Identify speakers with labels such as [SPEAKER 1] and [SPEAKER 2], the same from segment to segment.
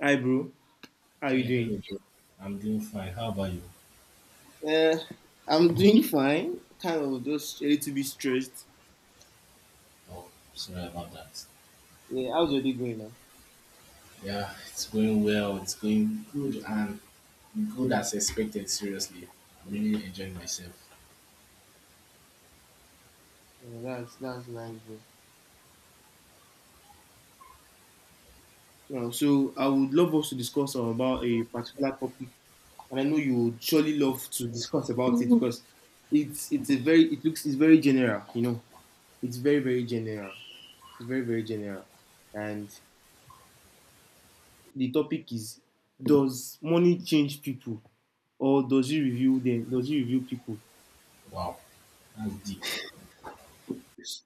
[SPEAKER 1] Hi, bro. How you
[SPEAKER 2] Hey,
[SPEAKER 1] doing?
[SPEAKER 2] hello, bro. I'm doing fine. How about you?
[SPEAKER 1] Uh, I'm doing fine. Kind of just a little bit stressed.
[SPEAKER 2] Oh, sorry about that.
[SPEAKER 1] Yeah, how's your day going now?
[SPEAKER 2] Yeah, it's going well. It's going good and good as expected. Seriously, I'm really enjoying myself.
[SPEAKER 1] Yeah, that's nice, bro. Now, so I would love us to discuss about a particular topic, and I know you would surely love to discuss about it because it's very general, you know. It's very general. It's very general, and the topic is: Does money change people, or does it reveal them? Does it reveal people?
[SPEAKER 2] Wow, that's deep.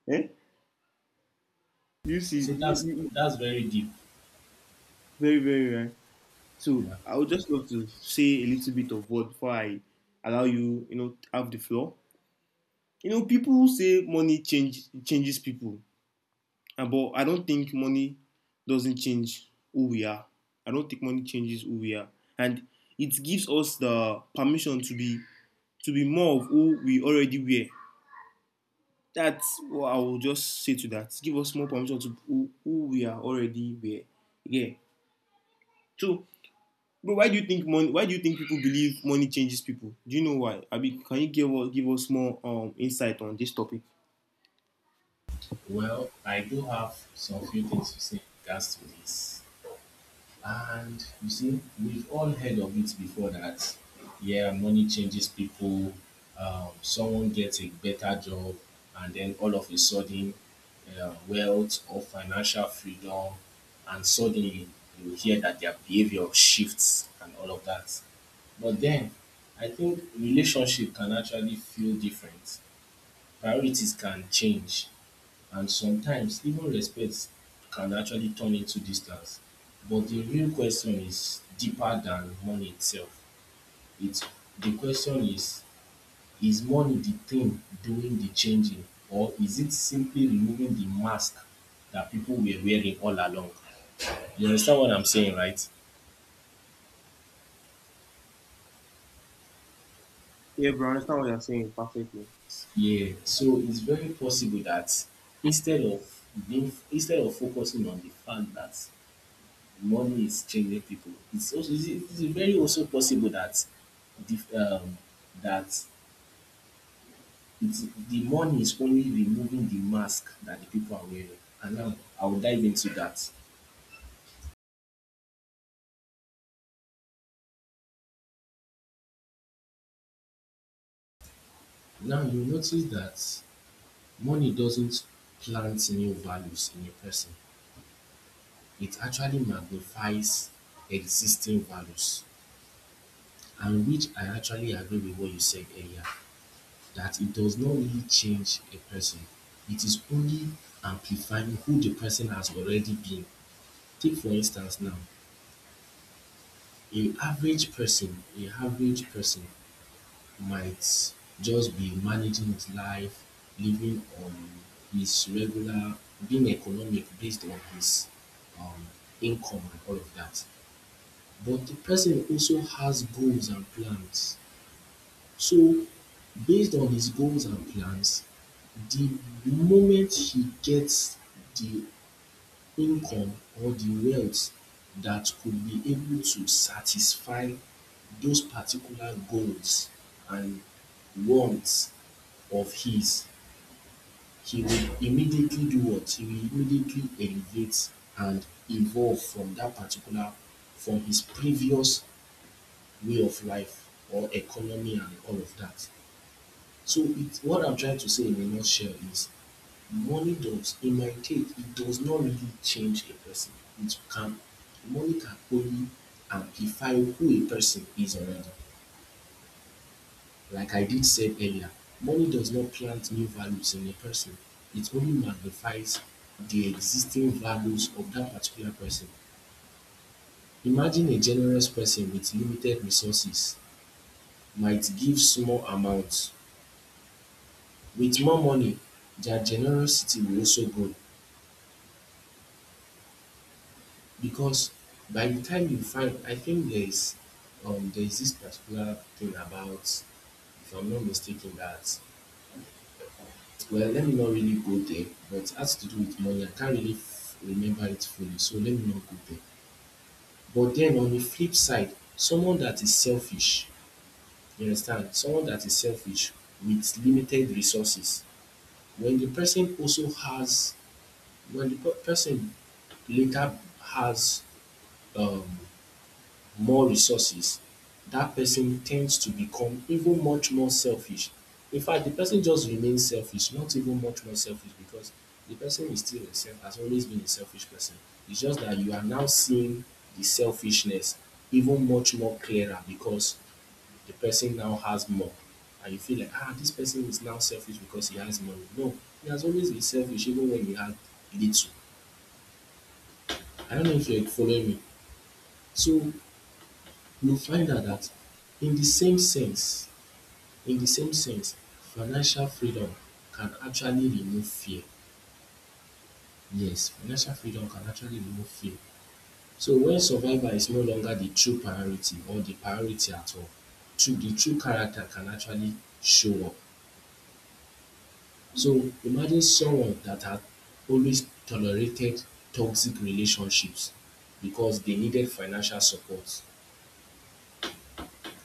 [SPEAKER 1] Eh? You
[SPEAKER 2] I
[SPEAKER 1] see,
[SPEAKER 2] say that's that's very deep.
[SPEAKER 1] very, very right. So
[SPEAKER 2] Yeah.
[SPEAKER 1] I would just love to say a little bit of word before I allow you, you know, have the floor. You know, people say money change changes people, and but I don't think money doesn't change who we are. I don't think money changes who we are, and it gives us the permission to be more of who we already were. That's what I will just say to that. Give us more permission to who we are already were. Yeah. So bro, Why do you think people believe money changes people? Do you know why? Abi, can you give us more insight on this topic?
[SPEAKER 2] Well, I do have some few things to say in regards to this. And you see, we've all heard of it before that, yeah, money changes people. Someone gets a better job, and then all of a sudden, wealth or financial freedom, and suddenly you hear that their behavior shifts and all of that. But then, I think relationship can actually feel different. Priorities can change and sometimes even respect can actually turn into distance. But the real question is deeper than money itself. It's the question is money the thing doing the changing, or is it simply removing the mask that people were wearing all along? You understand what I'm saying, right?
[SPEAKER 1] Yeah, bro, I understand what you're saying perfectly.
[SPEAKER 2] Yeah. So it's very possible that instead of instead of focusing on the fact that money is changing people. It's very also possible that the um, that the money is only removing the mask that the people are wearing. And now I'll dive into that. Now you notice that money doesn't plant new values in a person. It actually magnifies existing values, and which I actually agree with what you said earlier, that it does not really change a person. It is only amplifying who the person has already been. Take for instance now, a average person might just be managing his life, living on his regular, being economic based on his um, income and all of that. But the person also has goals and plans. So, based on his goals and plans, the moment he gets the income or the wealth that could be able to satisfy those particular goals and wants of his, he will immediately do what? He will immediately elevate and evolve from from his previous way of life or economy and all of that. So it's what I'm trying to say in a nutshell is money does, in my case, it does not really change a person. It can, money can only amplify who a person is already. Like I did say earlier, money does not plant new values in a person. It only magnifies the existing values of that particular person. Imagine a generous person with limited resources might give small amounts. With more money, their generosity will also grow. Because by the time you find, I think there's this particular thing about, if I'm not mistaken, that well, let me not really go there, but it has to do with money. I can't remember it fully, so let me not go there. But then on the flip side, someone that is selfish, you understand, someone that is selfish with limited resources, when the person also has, when the person later has um more resources, that person tends to become even much more selfish. In fact, the person just remains selfish, not even much more selfish because the person is still a self has always been a selfish person. It's just that you are now seeing the selfishness even much more clearer because the person now has more. And you feel like, ah, this person is now selfish because he has money. No, he has always been selfish even when he had little. I don't know if you're following me. So you find out that in the same sense, In the same sense, financial freedom can actually remove fear. Yes, financial freedom can actually remove fear. So when survival is no longer the true priority or the priority at all, true the true character can actually show up. So imagine someone that had always tolerated toxic relationships because they needed financial support.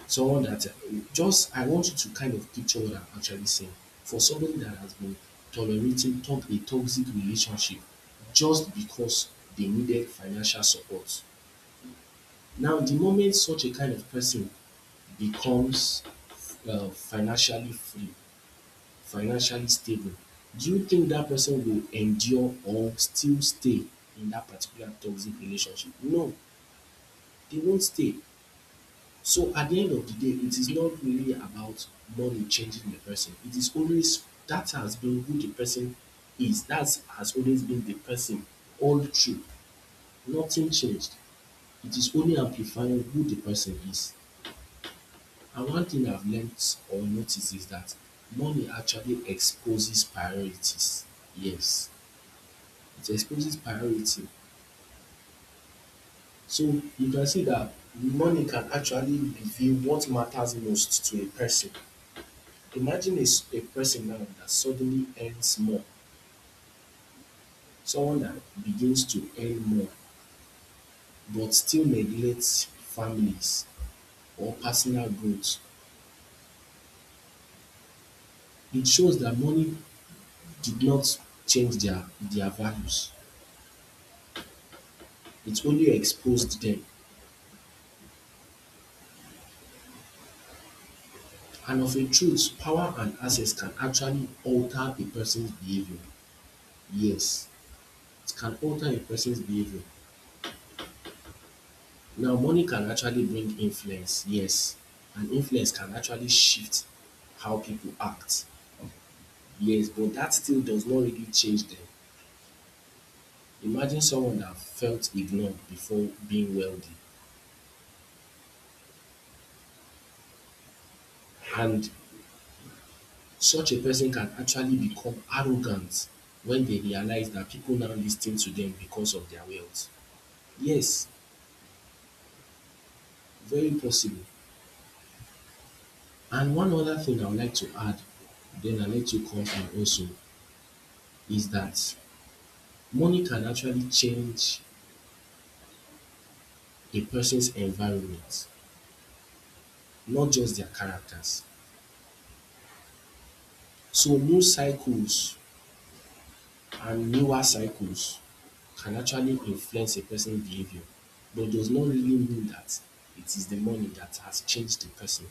[SPEAKER 2] Someone that just I want you to kind of picture what I'm actually saying. For somebody that has been tolerating top a toxic relationship just because they needed financial support. Now, the moment such a kind of person becomes financially free, financially stable, do you think that person will endure or still stay in that particular toxic relationship? No, they won't stay. So at the end of the day, it is not really about money changing the person. It is always That has been who the person is. That has always been the person all through. Nothing changed. It is only amplifying who the person is. And one thing I've learnt or noticed is that money actually exposes priorities. Yes, it exposes priority. So you can see that money can actually reveal what matters most to a person. Imagine a person now that suddenly earns more, someone that begins to earn more, but still neglects families or personal growth. It shows that money did not change their values, it only exposed them. And of a truth, power and access can actually alter a person's behavior. Yes, it can alter a person's behavior. Now, money can actually bring influence, yes, and influence can actually shift how people act. Yes, but that still does not really change them. Imagine someone that felt ignored before being wealthy, and such a person can actually become arrogant when they realize that people now listen to them because of their wealth. Yes, very possible. And one other thing I would like to add, then I'll let you come in also, is that money can actually change a person's environment, not just their characters. So, new cycles and newer cycles can actually influence a person's behavior, but does not really mean that it is the money that has changed the person.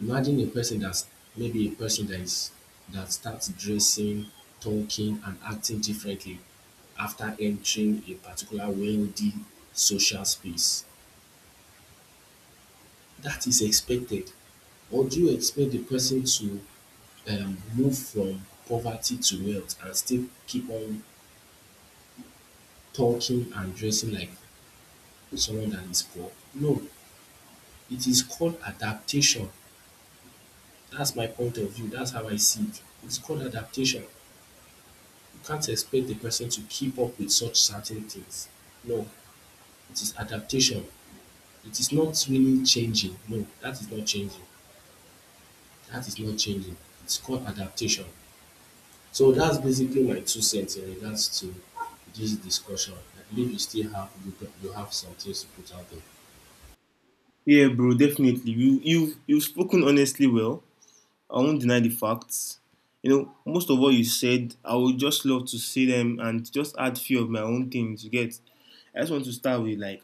[SPEAKER 2] Imagine a person that is that starts dressing, talking, and acting differently after entering a particular wealthy social space. That is expected. Or do you expect the person to move from poverty to wealth and still keep on talking and dressing like someone that is poor? No, it is called adaptation. That's my point of view. That's how I see it. It's called adaptation. You can't expect the person to keep up with such certain things. No, it is adaptation. It is not really changing. No, that is not changing. That is not changing. It's called adaptation. So that's basically my two cents in regards to this discussion. I believe you still have some things to put out there.
[SPEAKER 1] Yeah, bro, definitely. You've spoken honestly well. I won't deny the facts. You know, most of what you said, I would just love to see them and just add few of my own things. You get? I just want to start with like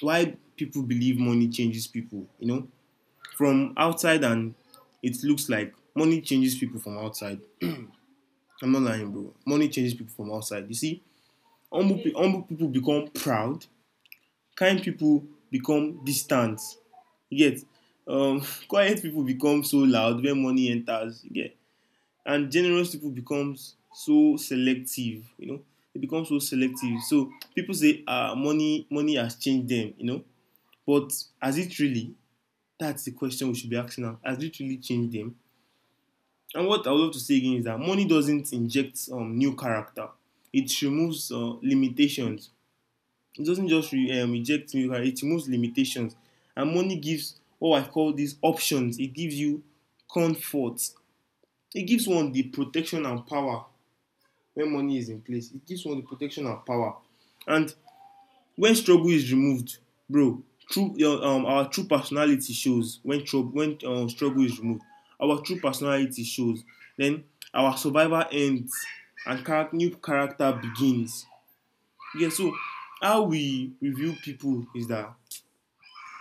[SPEAKER 1] why people believe money changes people. You know, from outside, and it looks like money changes people from outside. I'm not lying, bro. Money changes people from outside. You see, humble people become proud. Kind people become distant. You get. um, quiet people become so loud when money enters. You get. And generous people become so selective. You know, they become so selective. So people say, ah, money has changed them. You know, but has it really? That's the question we should be asking now. Has it really changed them? And what I would love to say again is that money doesn't inject new character. It removes limitations. It doesn't just inject new character. It removes limitations. And money gives what I call these options. It gives you comfort. It gives one the protection and power when money is in place. It gives one the protection and power. And when struggle is removed, bro, true your our true personality shows when trouble when struggle is removed, our true personality shows. Then our survival ends, and charac new character begins. Yeah. So how we review people is that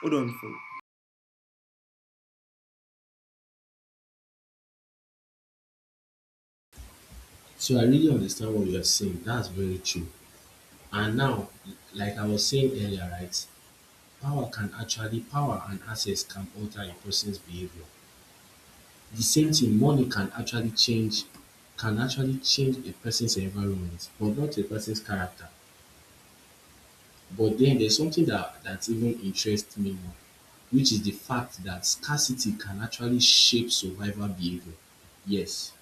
[SPEAKER 1] hold on for.
[SPEAKER 2] So I really understand what you are saying. That's very true. And now, like I was saying earlier, right? Power can actually, power and access can alter a person's behavior. The same thing, money can actually change a person's environment, but not a person's character. But then there's something that even interests me more, which is the fact that scarcity can actually shape survival behavior. Yes,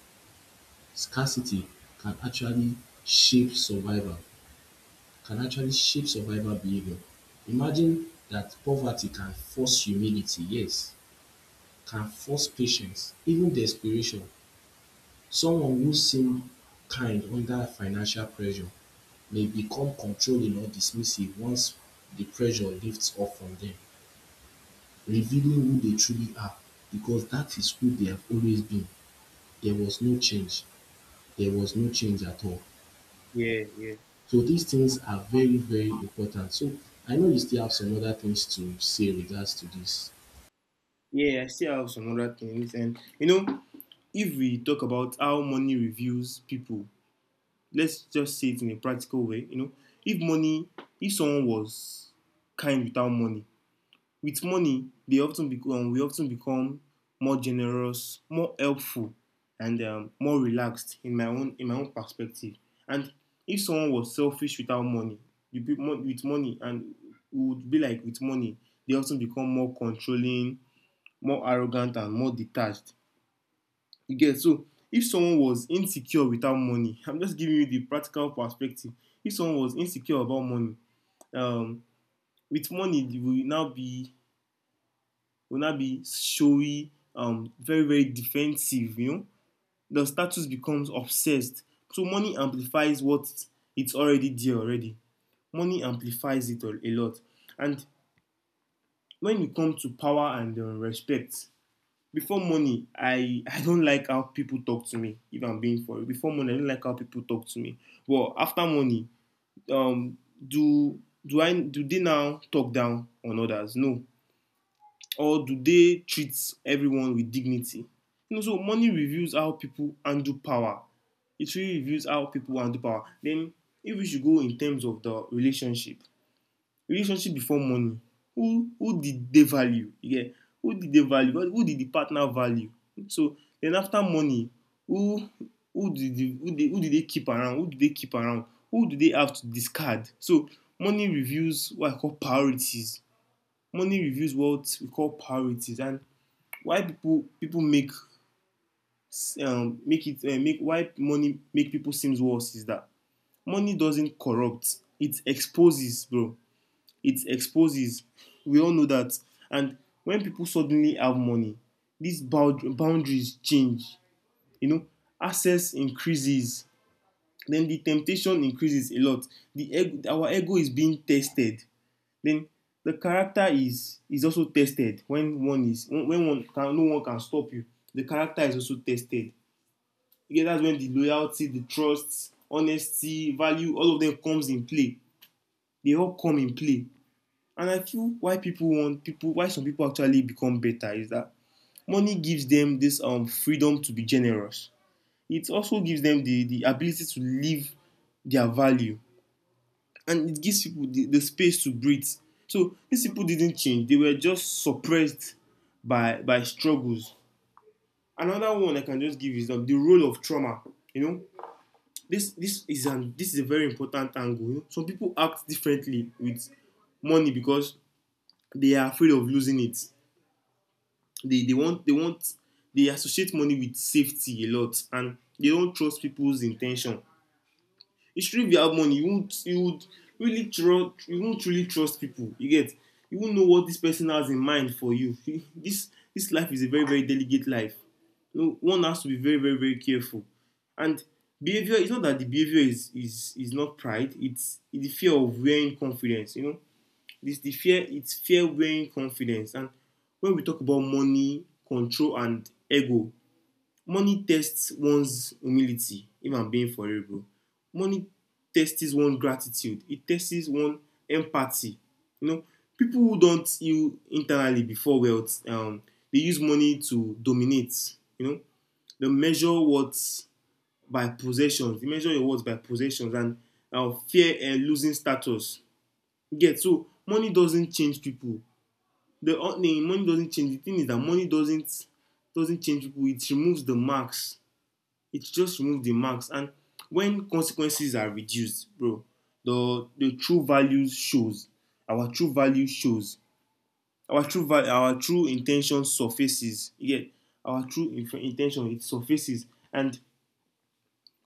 [SPEAKER 2] scarcity can actually shape survival can actually shape survival behavior. Imagine that poverty can force humility, yes, can force patience, even desperation. Someone who seem kind under financial pressure may become controlling or dismissive once the pressure lifts off from them, revealing who they truly are because that is who they have always been. There was no change. There was no change at all.
[SPEAKER 1] Yeah, yeah,
[SPEAKER 2] So these things are very, very important. So I know you still have some other things to say with regards to this.
[SPEAKER 1] yeah, I still have some other things, and you know, if we talk about how money reviews people, let's just say it in a practical way. You know, if money if someone was kind without money, with money, they often become, we often become more generous, more helpful, and more relaxed in my own perspective. And if someone was selfish without money, you be mo- with money, and it would be like with money, they often become more controlling, more arrogant, and more detached. You get. So if someone was insecure without money, I'm just giving you the practical perspective. If someone was insecure about money, um, with money, they will now be showy, very, very defensive, you know. The status becomes obsessed. So money amplifies what it's already there already. Money amplifies it a lot. And when you come to power and respect, before money, I don't like how people talk to me, if I'm being for it. Before money, I don't like how people talk to me. Well, after money, um, do do they now talk down on others? No, or do they treat everyone with dignity? You know, so money reveals how people handle power. It really reveals how people handle power. Then, if we should go in terms of the relationship, relationship before money, who did they value? Yeah, who did they value? Who did the partner value? So then after money, who who did they keep around? Who do they keep around? Who do they have to discard? So money reveals what I call priorities. Money reveals what we call priorities, and why people make make it make why money make people seems worse is that money doesn't corrupt, it exposes, bro. It exposes. We all know that. And when people suddenly have money, boundaries change. You know, access increases, then the temptation increases a lot. Our ego is being tested. Then the character is also tested when one can, no one can stop you. The character is also tested. Yeah, that's when the loyalty, the trust, honesty, value, all of them comes in play. They all come in play. And I feel why some people actually become better is that money gives them this freedom to be generous. It also gives them the ability to live their value, and it gives people the space to breathe. So these people didn't change, they were just suppressed by struggles. Another one I can just give is, the role of trauma. You know, this is an this is a very important angle. You know, some people act differently with money because they are afraid of losing it. They want, they associate money with safety a lot, and they don't trust people's intention. Especially if you have money, you won't you would really trust you won't really trust people. You get. You won't know what this person has in mind for you. This life is a very delicate life. You know, one has to be very very careful. And behavior it's not that the behavior is not pride. It's the fear of wearing confidence. You know, it's fear wearing confidence. And when we talk about money, control, and ego, money tests one's humility, if I'm being foreign. Money tests one's gratitude. It tests one's empathy. You know, people who don't heal internally before wealth, they use money to dominate. You know, they measure worth by possessions. They measure your worth by possessions and fear and losing status. You get. Yeah, so money doesn't change people. The money doesn't change. The thing is that money doesn't change people. It removes the marks. It just removes the marks. And when consequences are reduced, bro, the true value shows. Our true value shows. Our true intention surfaces. Yeah, our intention, it surfaces. And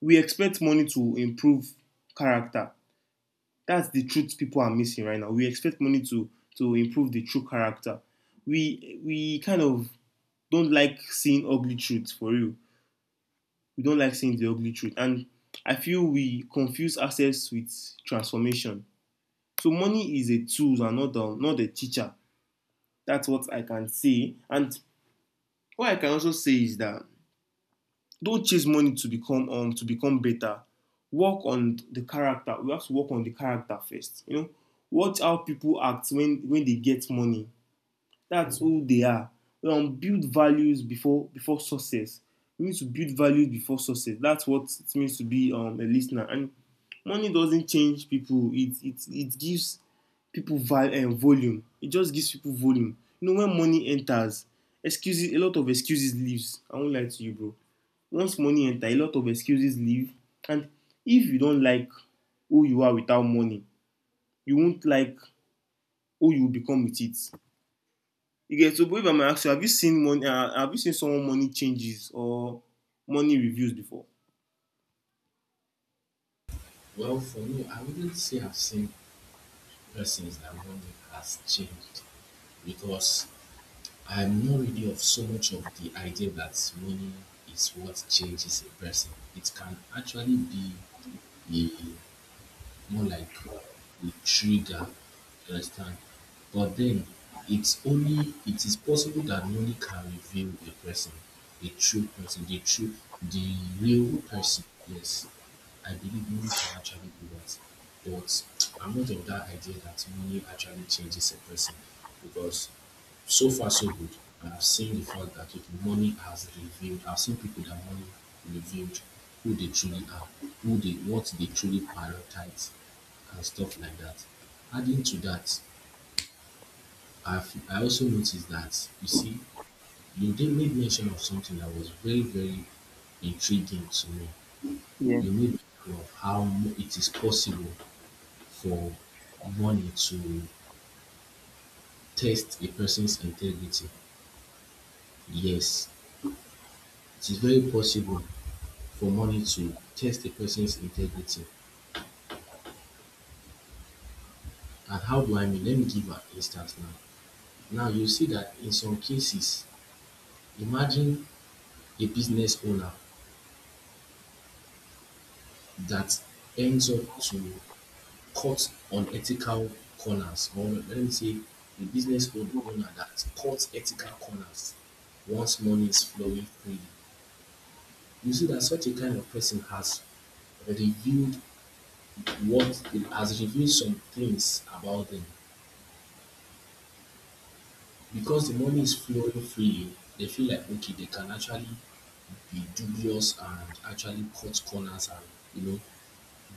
[SPEAKER 1] we expect money to improve character. That's the truth people are missing right now. We expect money to improve the true character. We kind of don't like seeing ugly truths, for real. We don't like seeing the ugly truth. And I feel we confuse ourselves with transformation. So money is a tool and not not the teacher. That's what I can say. And what I can also say is that don't chase money to become better. Work on the character. We have to work on the character first. You know, watch how people act when they get money. That's who they are. We build values before success. We need to build values before success. That's what it means to be a listener. And money doesn't change people. It gives people val- and volume. It just gives people volume. You know, when money enters, excuses a lot of excuses leaves. I won't lie to you, bro. Once money enters, a lot of excuses leave. And if you don't like who you are without money, you won't like who you become with it. You get. So, but if I might ask you, have you seen money? Have you seen someone money changes, or money reviews before?
[SPEAKER 2] Well, for me, I wouldn't say I've seen persons that one has changed because I'm not really of so much of the idea that money is what changes a person. It can actually be a more like the trigger, you understand? But then it is possible that money can reveal a person, a true person, the real person. Yes. I believe money can actually do that. But I'm not of that idea that money actually changes a person because so far so good. I've seen the fact that okay, money has revealed. I've seen people that money revealed who they truly are, who they what they truly prioritize, and stuff like that. Adding to that, I also noticed that you see you did made mention of something that was very very intriguing to me.
[SPEAKER 1] Yeah,
[SPEAKER 2] You made mention of how it is possible for money to test a person's integrity. Yes, it is very possible for money to test a person's integrity. And how do I mean? Let me give an instance now. Now you see that in some cases, imagine a business owner that ends up to cut unethical corners, or let me say, a business owner that cuts ethical corners once money is flowing freely. You see that such a kind of person has reviewed what has reviewed some things about them because the money is flowing freely, they feel like okay, they can actually be dubious and actually cut corners and you know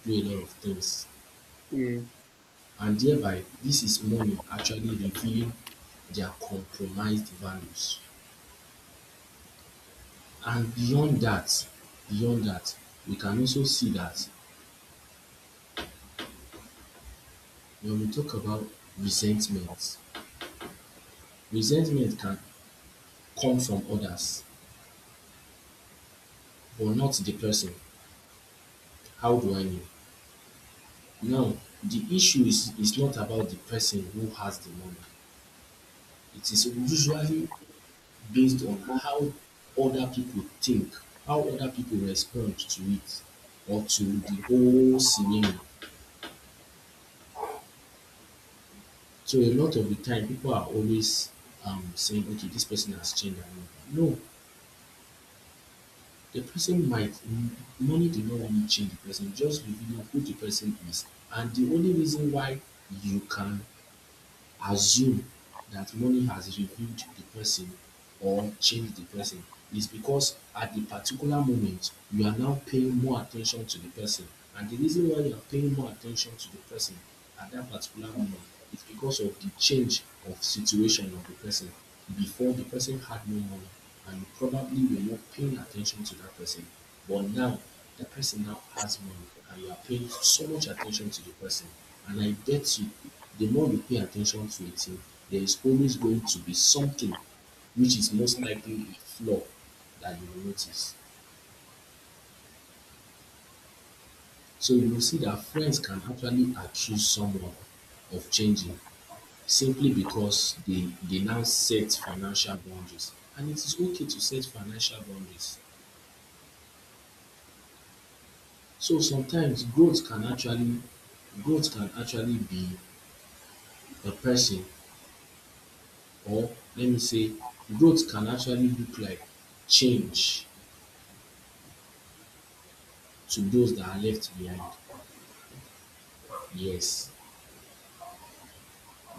[SPEAKER 2] do a lot of things.
[SPEAKER 1] yeah.
[SPEAKER 2] And thereby, this is money actually revealing their compromised values. And beyond that, we can also see that when we talk about resentment, resentment can come from others, but not the person. How do I know? Now, the issue is not about the person who has the money. It is usually based on how other people think, how other people respond to it or to the whole scenario. So a lot of the time, people are always saying, okay, this person has changed. No, the person might, money did not really change the person, just revealing who the person is. And the only reason why you can assume that money has revealed the person or changed the person is because at the particular moment you are now paying more attention to the person. And the reason why you are paying more attention to the person at that particular moment is because of the change of situation of the person before the person had no money and you probably were not paying attention to that person. But now the person now has money and you are paying so much attention to the person. And I bet you, the more you pay attention to a thing, there is always going to be something which is most likely a flaw that you will notice. So you will see that friends can actually accuse someone of changing simply because they now set financial boundaries. And it is okay to set financial boundaries. So sometimes growth can actually be a person or let me say growth can actually look like change to those that are left behind. Yes.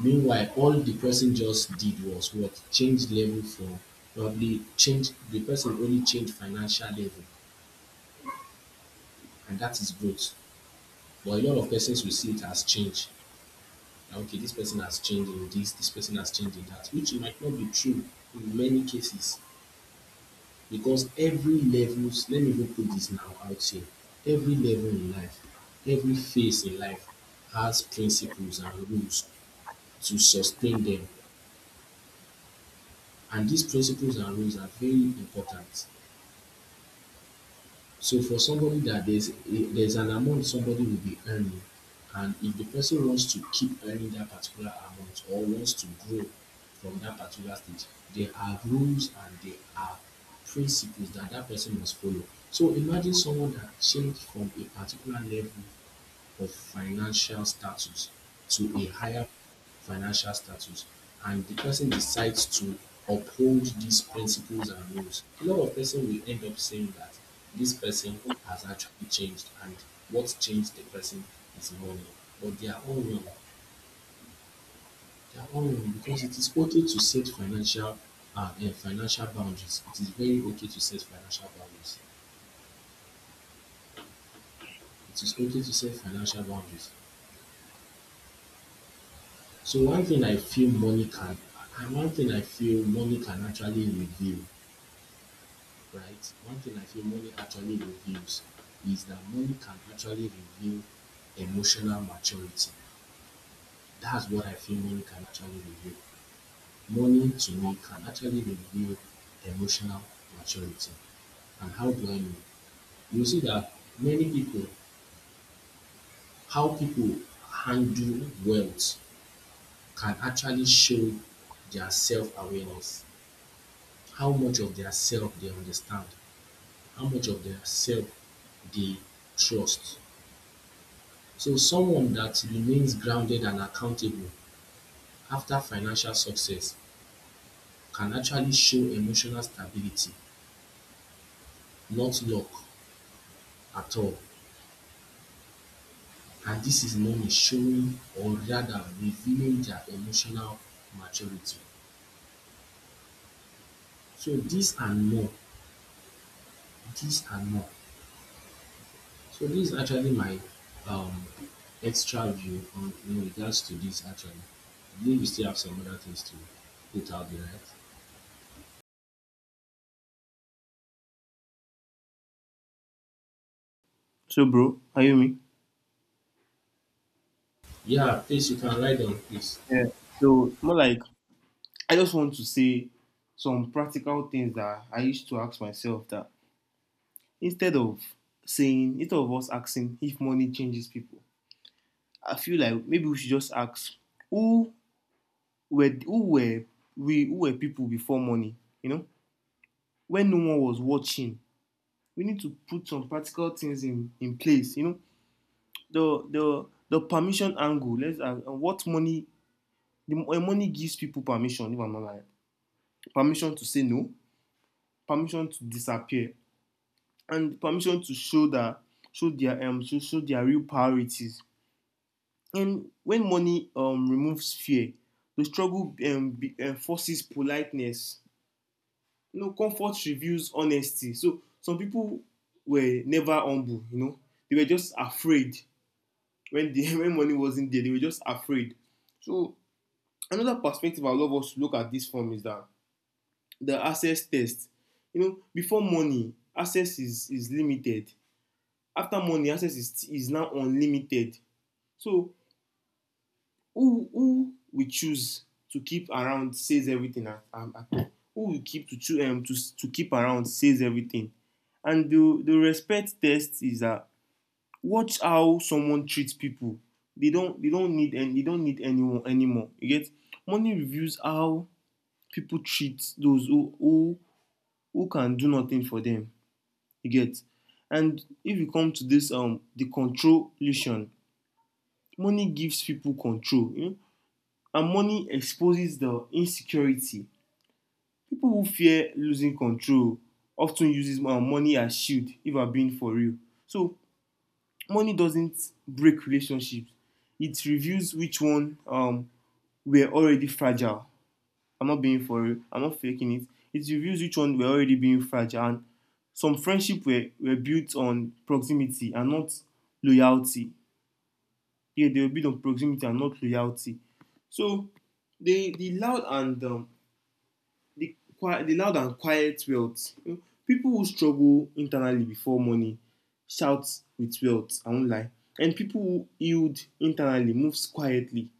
[SPEAKER 2] Meanwhile, all the person just did was what? Change level from probably change the person only changed financial level and that is growth. But a lot of persons will see it as change. That, okay, this person has changed in this, this person has changed in that, which might not be true in many cases. Because every levels, let me even put this now out here, every level in life, every phase in life has principles and rules to sustain them. And these principles and rules are very important. So for somebody that there's an amount somebody will be earning, and if the person wants to keep earning that particular amount or wants to grow from that particular stage, there are rules and there are principles that that person must follow. So imagine someone that changed from a particular level of financial status to a higher financial status and the person decides to uphold these principles and rules, a lot of person will end up saying that this person has actually changed and what changed the person is money. But they are all wrong. They are all wrong because it is okay to set financial financial boundaries. It is very okay to set financial boundaries. It is okay to set financial boundaries. So one thing I feel money can actually reveal, right? One thing I feel money actually reveals is that money can actually reveal emotional maturity. That's what I feel money can actually reveal. Money to me can actually reveal emotional maturity. And how do I know? You see that many people, how people handle wealth can actually show their self awareness, how much of their self they understand, how much of their self they trust. So someone that remains grounded and accountable after financial success can actually show emotional stability, not luck at all. And this is known as showing or rather revealing their emotional maturity. So these and more, so this is actually my um, extra view on in regards to this actually. I believe you still have some other things to put out there, right?
[SPEAKER 1] So, bro, are you me?
[SPEAKER 2] Yeah, please, you can write down, please.
[SPEAKER 1] Yeah. So, more like, I just want to say some practical things that I used to ask myself, that instead of us asking if money changes people, I feel like maybe we should just ask who were who were who were people before money, you know? When no one was watching. We need to put some practical things in place, you know. the the the permission angle. Let's, what money the money gives people permission. If I'm not lying, permission to say no, permission to disappear, and permission to show that show their real priorities. And when money removes fear, enforces politeness. You know, comfort reveals honesty. So some people were never humble. You know, they were just afraid when the when money wasn't there. They were just afraid. So another perspective I love us to look at this from is that the access test. You know, before money, access is limited. After money, access is now unlimited. So who we choose to keep around says everything at Who we keep to choose to keep around says everything. And the respect test is that watch how someone treats people. They don't need anyone anymore. You get money reveals how people treat those who can do nothing for them. You get? And if you come to this the controlution, money gives people control, you know, and money exposes the insecurity. People who fear losing control of ten uses money as shield if I'm being for real. So money doesn't break relationships, it reveals which one were already fragile. I'm not being for real. I'm not faking it. It reveals which one were already being fragile. And some friendship were built on proximity and not loyalty. Yeah, they were built on proximity and not loyalty. So the the loud and um, the quiet, the loud and quiet wealth. You know, people who struggle internally before money shout with wealth. I won't lie. And people who yield internally moves quietly.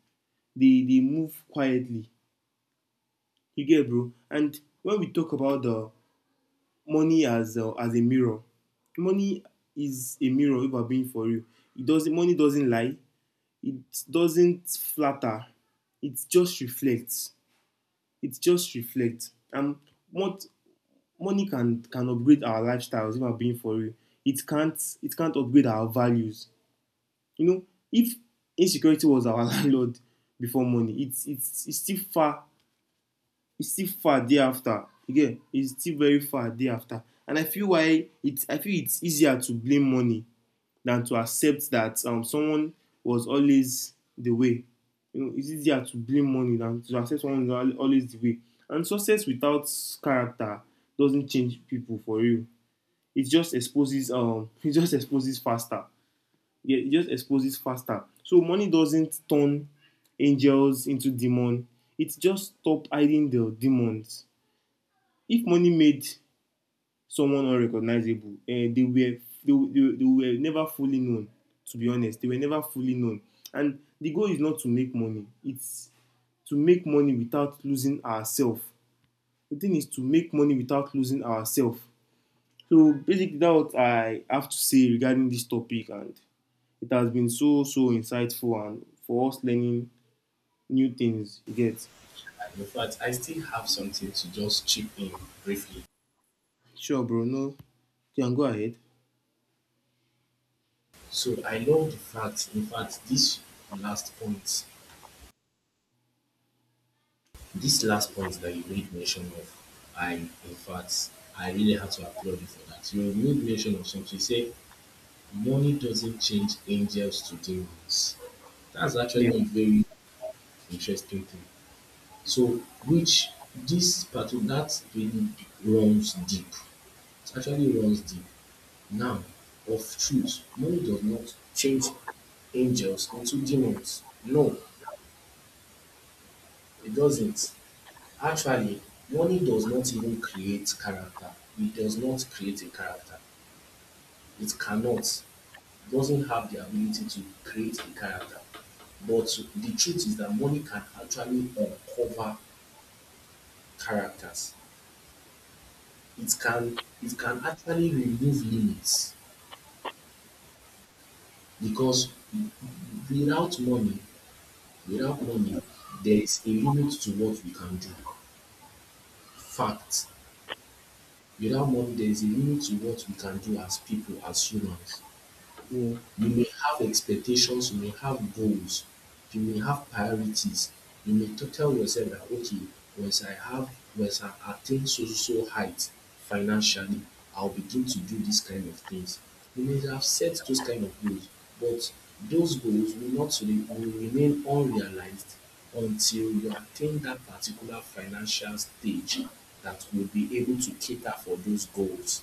[SPEAKER 1] They move quietly. You get it, bro. And when we talk about the money as a mirror. Money is a mirror if I'm being for you. It doesn't money doesn't lie. It doesn't flatter. It just reflects. It just reflects. And what money can upgrade our lifestyles if I'm being for you, it can't upgrade our values. You know, if insecurity was our landlord before money, it's still far, it's still far day after you it's still very far day after. And I feel it's easier to blame money than to accept that someone was always the way. You know, it's easier to blame money than to accept someone was always the way. And success without character doesn't change people for real, it just exposes it just exposes faster. Yeah, it just exposes faster. So money doesn't turn angels into demons, it just stops hiding the demons. If money made someone unrecognizable, eh, they were never fully known. To be honest, they were never fully known. And the goal is not to make money; it's to make money without losing ourselves. The thing is to make money without losing ourselves. So basically, that's what I have to say regarding this topic, and it has been so so insightful and for us learning new things. You get
[SPEAKER 2] In fact, I still have something to just chip in briefly.
[SPEAKER 1] sure, bro? No, you can go ahead.
[SPEAKER 2] So I love the fact, in fact, this last point, last point that you made mention of, I in fact I really have to applaud you for that. You made mention of something. You say money doesn't change angels to demons. That's
[SPEAKER 1] Yeah,
[SPEAKER 2] actually a very interesting thing. So, which this part that really runs deep. It actually runs deep. Now, of truth, money does not change angels into demons. No, it doesn't. Actually, money does not even create character. It does not create a character. It cannot. Doesn't have the ability to create a character. But the truth is that money can actually uncover characters. It can actually remove limits because without money, without money, there is a limit to what we can do. Fact. Without money, there is a limit to what we can do as people, as humans.
[SPEAKER 1] yeah,
[SPEAKER 2] You may have expectations, you may have goals, you may have priorities. You may tell yourself that okay, once I have once I attain so so so height financially, I'll begin to do these kind of things. You may have set those kind of goals, but those goals will not re- will remain unrealized until you attain that particular financial stage that will be able to cater for those goals.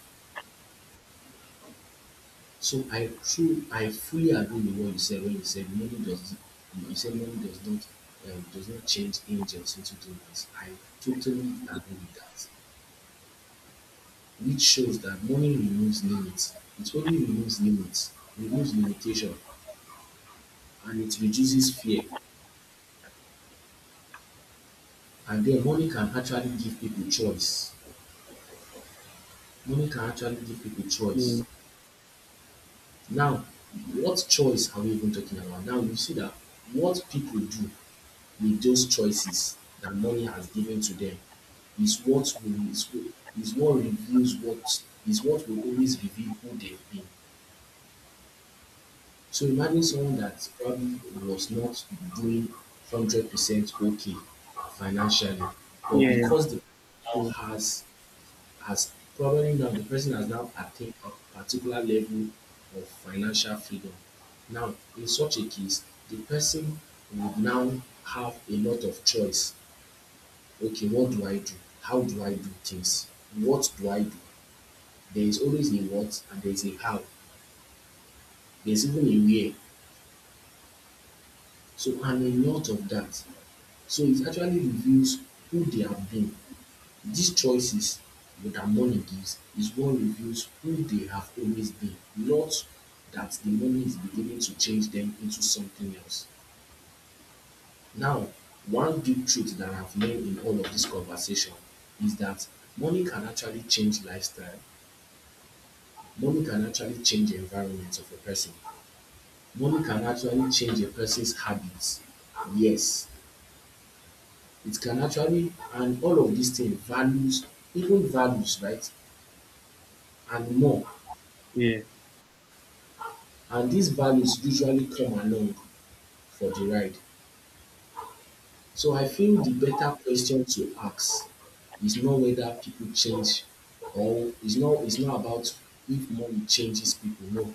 [SPEAKER 2] So I true I fully agree with what you said when you said money does you said money does not change angels into demons. I totally agree with that. Which shows that money removes limits. It only removes limits, removes limitation, and it reduces fear. And then money can actually give people choice. Money can actually give people choice.
[SPEAKER 1] yeah,
[SPEAKER 2] Now, what choice are we even talking about? Now you see that what people do with those choices that money has given to them is what will is, is what reveals what will always reveal who they've been. So imagine someone that probably was not doing 100% okay financially, but
[SPEAKER 1] yeah,
[SPEAKER 2] because
[SPEAKER 1] yeah.
[SPEAKER 2] the now has probably now the person has now attained a particular level of financial freedom. Now, in such a case, the person would now have a lot of choice, okay, what do I do? How do I do things? What do I do? There is always a what and there is a how. There's even a where. So, and a lot of that. So, it actually reveals who they have been. These choices that money gives is what reveals who they have always been, not that the money is beginning to change them into something else. Now, one big truth that I've learned in all of this conversation is that money can actually change lifestyle, money can actually change the environment of a person. Money can actually change a person's habits. Yes, it can actually, and all of these things, values, even values, right, and more.
[SPEAKER 1] Yeah.
[SPEAKER 2] And these values usually come along for the ride. So I feel the better question to ask is not whether people change or it's not about if money changes people. No,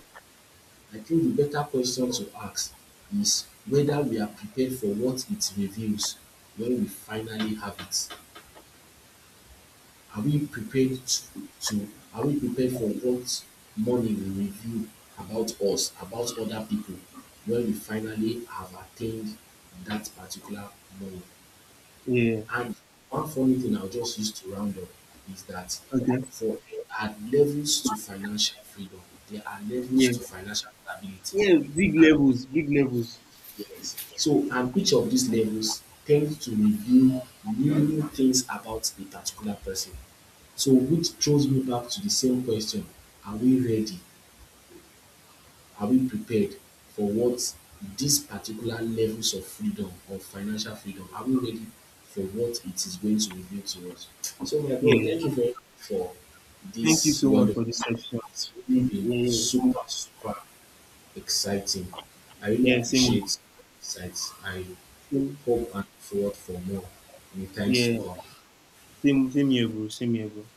[SPEAKER 2] I think the better question to ask is whether we are prepared for what it reveals when we finally have it. Are we prepared to are we prepared for what money will reveal about us, about other people when we finally have attained that particular money?
[SPEAKER 1] Yeah.
[SPEAKER 2] And one funny thing I'll just use to round up is that
[SPEAKER 1] Okay.
[SPEAKER 2] for there are levels to financial freedom, there are levels
[SPEAKER 1] Yeah.
[SPEAKER 2] to financial stability.
[SPEAKER 1] Yeah. Big levels. Big levels.
[SPEAKER 2] Yes. So, and each of these levels tends to reveal new things about a particular person. So, which throws me back to the same question, are we ready? Are we prepared for what these particular levels of freedom, of financial freedom, are we ready for what it is going to reveal to us? So, my bro,
[SPEAKER 1] Yeah.
[SPEAKER 2] thank you very much for
[SPEAKER 1] Thank you
[SPEAKER 2] this
[SPEAKER 1] so much
[SPEAKER 2] wonderful
[SPEAKER 1] for this
[SPEAKER 2] session.
[SPEAKER 1] section.
[SPEAKER 2] It's really been
[SPEAKER 1] Yeah. Yeah.
[SPEAKER 2] super, super exciting. I really
[SPEAKER 1] Yeah, same.
[SPEAKER 2] appreciate your insights. I
[SPEAKER 1] Same.
[SPEAKER 2] hope and forward for more in the times to
[SPEAKER 1] Yeah.
[SPEAKER 2] come.
[SPEAKER 1] Same. Same here, bro. Same here, bro.